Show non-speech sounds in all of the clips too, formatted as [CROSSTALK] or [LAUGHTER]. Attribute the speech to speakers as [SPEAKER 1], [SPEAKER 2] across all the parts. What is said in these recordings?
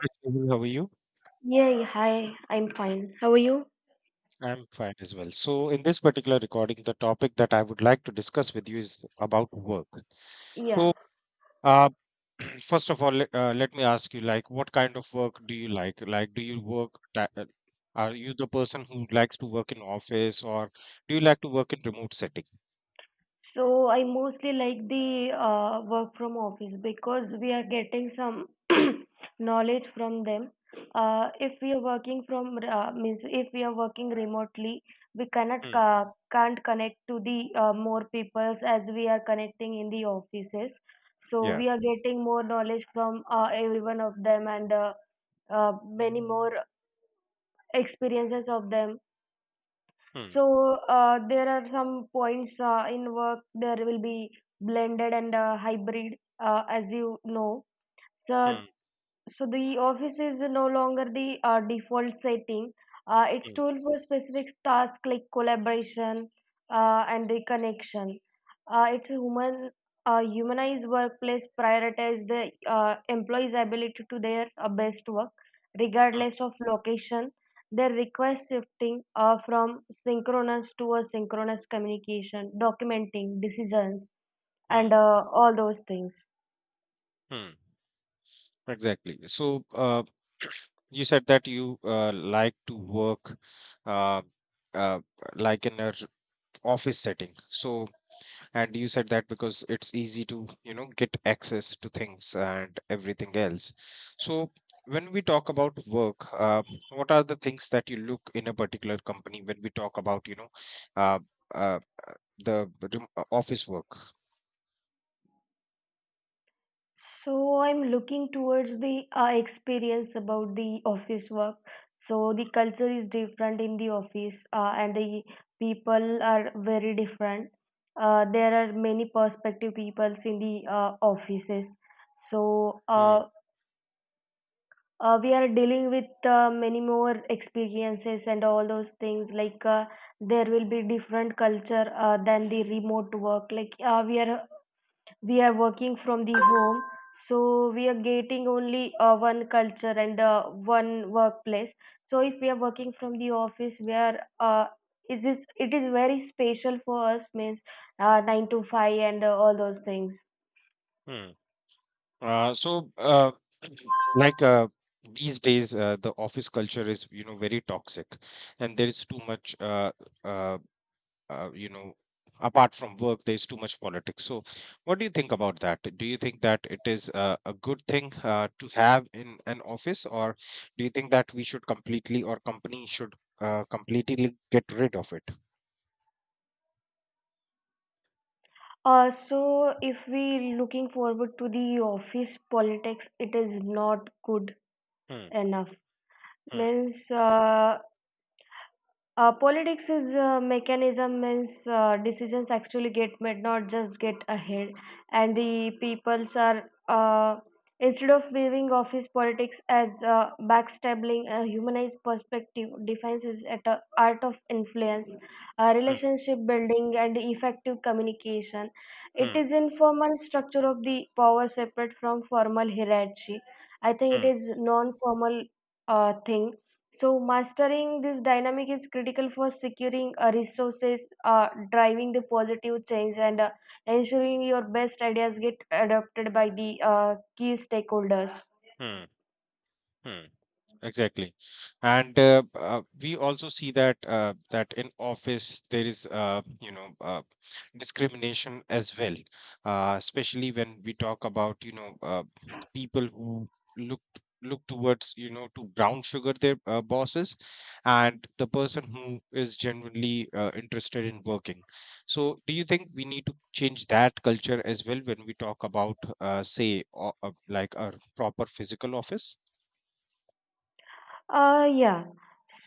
[SPEAKER 1] Hi, Sahil, how are you?
[SPEAKER 2] Yeah, yeah, hi, I'm fine. How are you?
[SPEAKER 1] I'm fine as well. So, in this particular recording, the topic that I would like to discuss with you is about work.
[SPEAKER 2] Yeah.
[SPEAKER 1] So, uh, [CLEARS THROAT] first of all, let me ask you, like, what kind of work do you like? Like, do you work? Are you the person who likes to work in office, or do you like to work in remote setting?
[SPEAKER 2] So I mostly like the work from office because we are getting some [CLEARS THROAT] knowledge from them. If we are working from means if we are working remotely, we cannot
[SPEAKER 1] Hmm.
[SPEAKER 2] can't connect to the more peoples as we are connecting in the offices. So
[SPEAKER 1] Yeah.
[SPEAKER 2] we are getting more knowledge from every one of them, and many more experiences of them.
[SPEAKER 1] Hmm.
[SPEAKER 2] So, there are some points in work there will be blended and hybrid, as you know. So,
[SPEAKER 1] Hmm.
[SPEAKER 2] so, the office is no longer the default setting. It's
[SPEAKER 1] Hmm.
[SPEAKER 2] tool for specific tasks like collaboration and the connection. It's a humanized workplace prioritize the employees ability to their best work
[SPEAKER 1] Hmm.
[SPEAKER 2] regardless of location. Their request shifting from synchronous to asynchronous communication documenting decisions,
[SPEAKER 1] Hmm.
[SPEAKER 2] and all those things.
[SPEAKER 1] Hmm. Exactly. So, [CLEARS THROAT] you said that you like to work uh, uh, like in an office setting. So, and you said that because it's easy to get access to things and everything else. So, when we talk about work, what are the things that you look in a particular company when we talk about, uh, uh, the office work?
[SPEAKER 2] So I'm looking towards the experience about the office work. So the culture is different in the office, and the people are very different. There are many perspective peoples in the offices. So we are dealing with many more experiences and all those things. Like there will be different culture than the remote work. Like we are working from the home, so we are getting only one culture and one workplace. So if we are working from the office, we are it is very special for us, means 9 to 5 and all those things.
[SPEAKER 1] Hmm. So, [CLEARS THROAT] like these days, the office culture is very toxic, and there is too much, uh, uh, you know, apart from work, there is too much politics. So, what do you think about that? Do you think that it is a good thing to have in an office, or do you think that we should completely, or company should completely get rid of it?
[SPEAKER 2] So if we looking forward to the office politics, it is not good
[SPEAKER 1] Hmm,
[SPEAKER 2] enough,
[SPEAKER 1] hmm,
[SPEAKER 2] means politics is mechanism, means decisions actually get made, not just get ahead. And the peoples are, uh, instead of viewing office politics as backstabbing, a humanized perspective defines is at a art of influence,
[SPEAKER 1] hmm,
[SPEAKER 2] relationship building, and effective communication. It
[SPEAKER 1] hmm,
[SPEAKER 2] is informal structure of the power separate from formal hierarchy. I think
[SPEAKER 1] hmm,
[SPEAKER 2] it is non-formal thing. So, mastering this dynamic is critical for securing resources, driving the positive change, and ensuring your best ideas get adopted by the key stakeholders.
[SPEAKER 1] hmm. Hmm. Exactly, and we also see that that in office there is discrimination as well, especially when we talk about people who look look towards to brown sugar their bosses, and the person who is genuinely interested in working, so do you think we need to change that culture as well when we talk about, like, a proper physical office?
[SPEAKER 2] Yeah.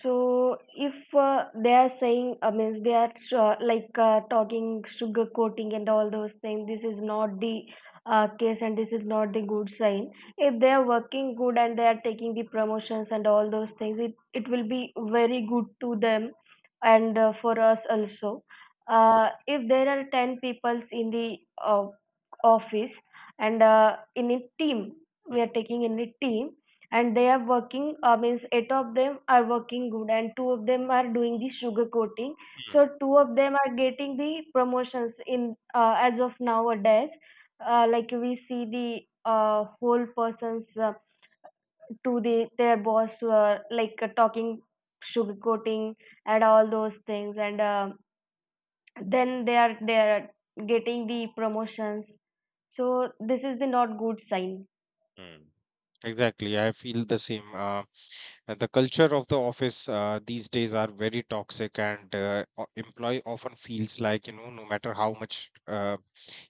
[SPEAKER 2] So if they are saying, I mean, they are like talking sugar coating and all those things, this is not the case, and this is not the good sign. If they are working good and they are taking the promotions and all those things, it will be very good to them, and for us also. If there are 10 peoples in the uh, office and in a team,
[SPEAKER 1] Mm,
[SPEAKER 2] we are taking in a team, and they are working means eight of them are working good and two of them are doing the sugar coating,
[SPEAKER 1] mm,
[SPEAKER 2] so two of them are getting the promotions in as of nowadays. Like we see the whole persons to the their boss like talking sugar coating and all those things, and then they are getting the promotions. So this is the not good sign.
[SPEAKER 1] mm. Exactly, I feel the same. And the culture of the office these days are very toxic, and employee often feels like, no matter how much,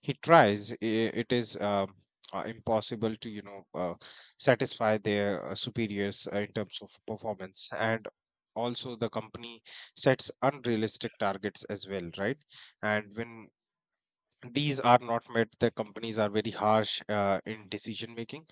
[SPEAKER 1] he tries, I it is impossible to satisfy their superiors in terms of performance. And also, the company sets unrealistic targets as well, right? And when these are not met, the companies are very harsh in decision making.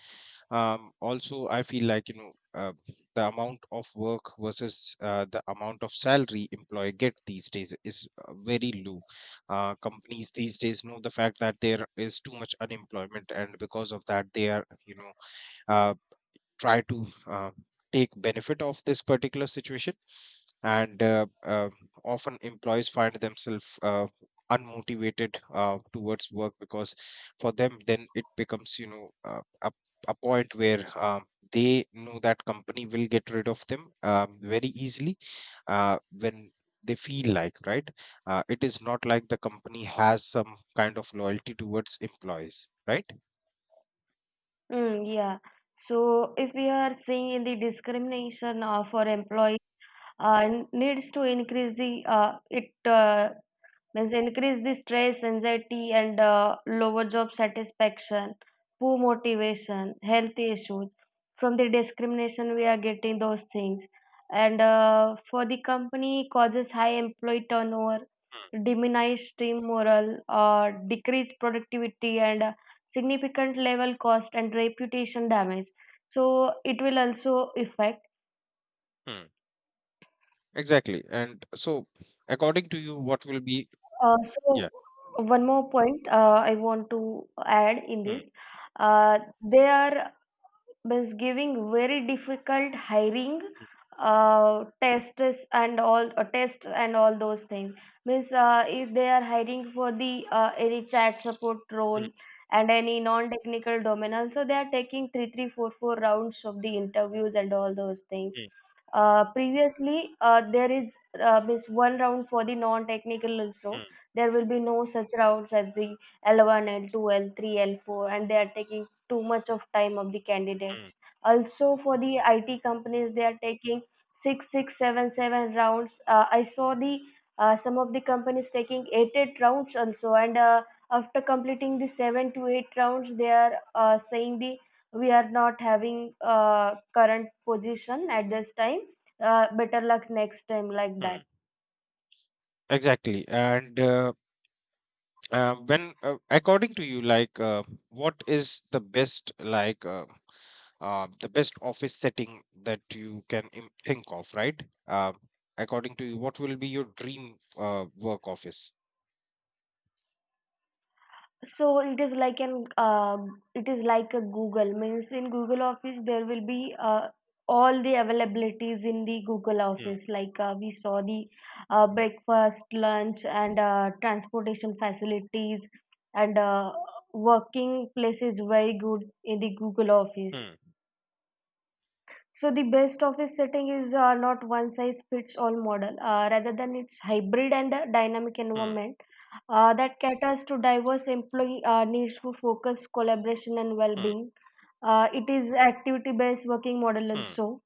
[SPEAKER 1] Also, I feel like the amount of work versus the amount of salary employee get these days is very low. Companies these days know the fact that there is too much unemployment, and because of that they are you know uh, try to take benefit of this particular situation, and often employees find themselves unmotivated towards work, because for them then it becomes a point where they know that company will get rid of them very easily, when they feel like, right, it is not like the company has some kind of loyalty towards employees, right?
[SPEAKER 2] Mm, yeah. So if we are seeing in the discrimination for employee, uh, needs to increase the it, means increase the stress anxiety and lower job satisfaction, poor motivation, health issues. From the discrimination we are getting those things, and for the company causes high employee turnover, diminished team morale, decreased productivity, and significant level cost and reputation damage. So it will also affect.
[SPEAKER 1] Hmm. Exactly. And so, according to you, what will be?
[SPEAKER 2] So
[SPEAKER 1] Yeah.
[SPEAKER 2] one more point I want to add in
[SPEAKER 1] Hmm,
[SPEAKER 2] this. They are, means giving very difficult hiring tests, and all tests and all those things. Means if they are hiring for the any chat support
[SPEAKER 1] hmm,
[SPEAKER 2] role and any non-technical domain, also they are taking three, three, four, four rounds of the interviews and all those things.
[SPEAKER 1] hmm,
[SPEAKER 2] Previously, there is, means one round for the non-technical also.
[SPEAKER 1] hmm,
[SPEAKER 2] There will be no such routes as the L1, L2, L3, L4, and they are taking too much of time of the
[SPEAKER 1] hmm,
[SPEAKER 2] candidates. Also, for the IT companies, they are taking six, six, seven, seven rounds. I saw the some of the companies taking eight, eight rounds also, and after completing the seven to eight rounds, they are saying the we are not having current position at this time, better luck next time, like that.
[SPEAKER 1] hmm. Exactly. And, according to you, like, what is the best, like, the best office setting that you can think of, right? Uh, According to you, what will be your dream work office?
[SPEAKER 2] So it is like an it is like a google, means in google office there will be all the availabilities in the google
[SPEAKER 1] Hmm,
[SPEAKER 2] office. Like we saw the breakfast, lunch, and transportation facilities, and working place is very good in the google office.
[SPEAKER 1] hmm,
[SPEAKER 2] So the best office setting is not one size fits all model. Rather than its hybrid and a dynamic
[SPEAKER 1] hmm,
[SPEAKER 2] environment that caters to diverse employee needs for focus, collaboration, and
[SPEAKER 1] hmm,
[SPEAKER 2] well-being. It is activity-based working model
[SPEAKER 1] hmm,
[SPEAKER 2] also.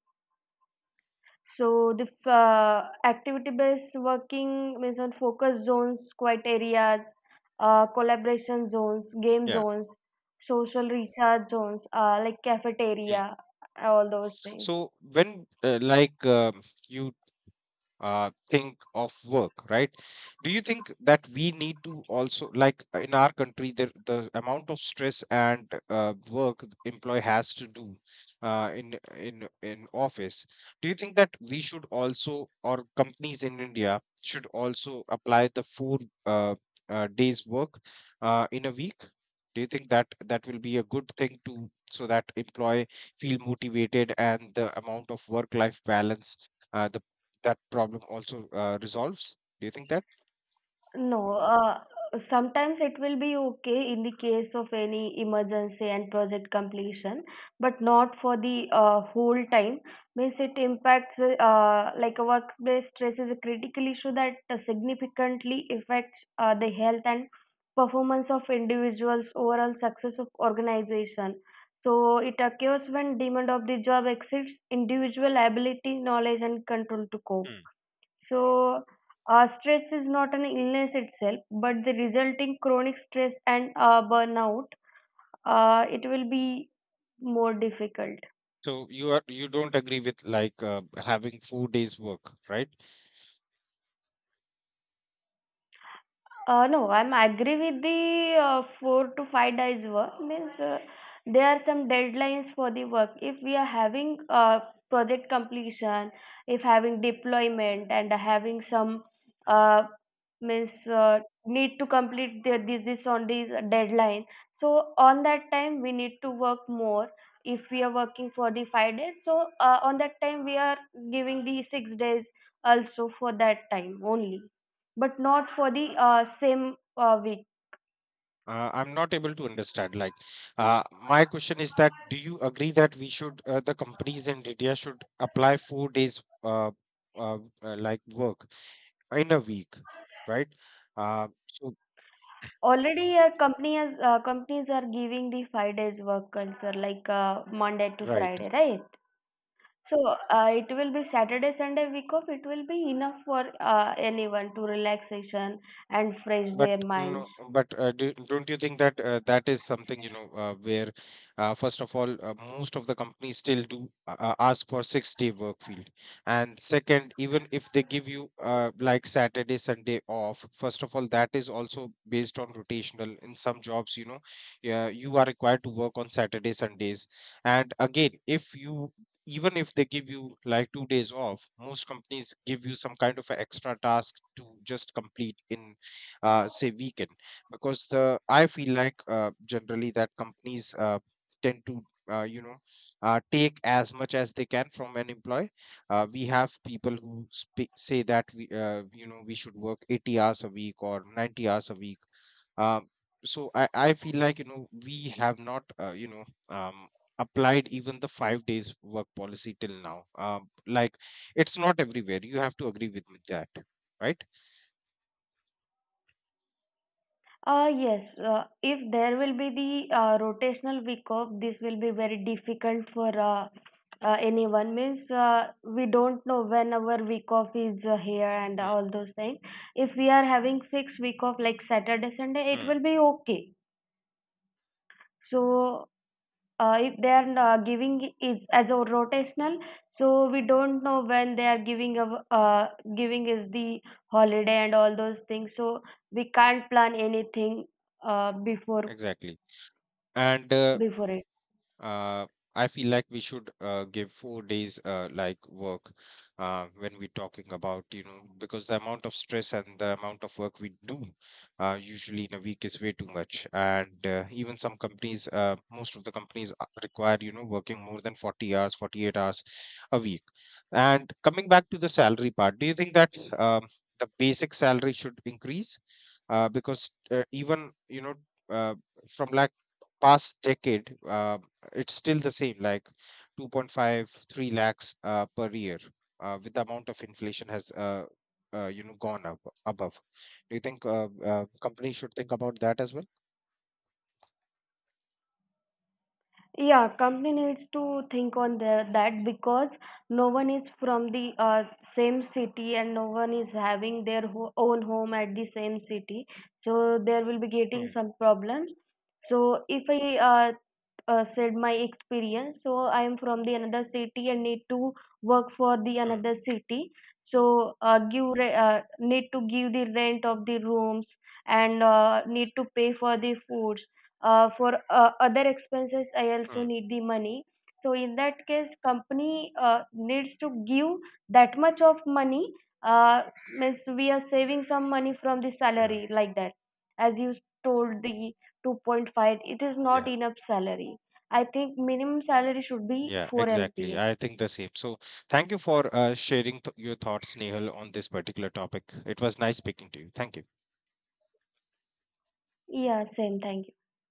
[SPEAKER 2] So the activity-based working means on focus zones, quiet areas, collaboration zones, game
[SPEAKER 1] Yeah.
[SPEAKER 2] zones, social recharge zones, like
[SPEAKER 1] hmm.
[SPEAKER 2] cafeteria, all those things.
[SPEAKER 1] So like, you think of work, right? Do you think that we need to also, like, in our country, the amount of stress and work the employee has to do in office, do you think that we should also, or companies in India should also apply the four uh, days work in a week? Do you think that that will be a good thing to, so that employee feel motivated, and the amount of work life balance, the that problem also resolves? Do you think that?
[SPEAKER 2] No, sometimes it will be okay in the case of any emergency and project completion, but not for the whole time. Means it impacts, like a workplace stress is a critical issue that significantly affects the health and performance of individuals, overall success of organization. So it occurs when demand of the job exceeds individual ability, knowledge, and control to cope.
[SPEAKER 1] Hmm.
[SPEAKER 2] So, stress is not an illness itself, but the resulting chronic stress and burnout, it will be more difficult.
[SPEAKER 1] So you are you don't agree with like having 4 days work, right?
[SPEAKER 2] No, I'm agree with the 4 to 5 days work. Means there are some deadlines for the work. If we are having project completion, if having deployment and having some uh, means need to complete the, this on this deadline. So on that time we need to work more. If we are working for the 5 days, so on that time we are giving the 6 days also for that time only, but not for the same week.
[SPEAKER 1] I'm not able to understand. Like, my question is that do you agree that we should the companies in India should apply 4 days like work in a week, right? So,
[SPEAKER 2] Already, a company has, companies are giving the 5 days work culture, like Monday to
[SPEAKER 1] right.
[SPEAKER 2] Friday, right? So it will be Saturday, Sunday week off. It will be enough for anyone to relaxation and fresh
[SPEAKER 1] But
[SPEAKER 2] their
[SPEAKER 1] no,
[SPEAKER 2] minds.
[SPEAKER 1] but don't you think that that is something, where first of all, most of the companies still do ask for 6 day work field. And second, even if they give you like, Saturday, Sunday off, first of all, that is also based on rotational. In some jobs, yeah, you are required to work on Saturday, Sundays. And again, if you even if they give you like 2 days off, most companies give you some kind of a extra task to just complete in say, weaken, because the I feel like generally that companies tend to uh, you know take as much as they can from an employee. We have people who say that we you know we should work 80 hours a week or 90 hours a week. um, so, I feel like we have not applied even the 5 days work policy till now, like, it's not everywhere, you have to agree with me that, right?
[SPEAKER 2] Yes, if there will be the rotational week off, this will be very difficult for anyone. Means we don't know when our week off is here, and
[SPEAKER 1] Hmm,
[SPEAKER 2] all those things. If we are having fixed week off like Saturday, Sunday, it
[SPEAKER 1] hmm,
[SPEAKER 2] will be okay. So if they are giving is as a rotational, so we don't know when they are giving giving is the holiday and all those things. So we can't plan anything before.
[SPEAKER 1] exactly, and
[SPEAKER 2] Before it.
[SPEAKER 1] uh, I feel like we should give 4 days, like, work when we're talking about, because the amount of stress and the amount of work we do usually in a week is way too much. And even some companies, most of the companies require working more than 40 hours, 48 hours a week. And coming back to the salary part, do you think that the basic salary should increase? Because even, uh, from like, past decade, it's still the same, like, 2.53 lakhs per year, with the amount of inflation has gone up above. Do you think companies should think about that as well?
[SPEAKER 2] Yeah, company needs to think on that, because no one is from the same city and no one is having their own home at the same city. So there will be getting
[SPEAKER 1] Hmm,
[SPEAKER 2] some problems. So if I said my experience. So I am from the another city and need to work for the
[SPEAKER 1] hmm,
[SPEAKER 2] another city. So uh, give re- uh, need to give the rent of the rooms, and need to pay for the foods, for other expenses I also
[SPEAKER 1] hmm.
[SPEAKER 2] need the money. So in that case company needs to give that much of money, uh, means we are saving some money from the
[SPEAKER 1] yeah
[SPEAKER 2] salary, like that. As you told, the 2.5, it is
[SPEAKER 1] yeah.
[SPEAKER 2] not enough salary. I think minimum salary should be
[SPEAKER 1] Yeah,
[SPEAKER 2] 4
[SPEAKER 1] exactly.
[SPEAKER 2] LPA.
[SPEAKER 1] I think the same. So, thank you for sharing your thoughts, Nehal, on this particular topic. It was nice speaking to you. Thank you.
[SPEAKER 2] Yeah, same. Thank you.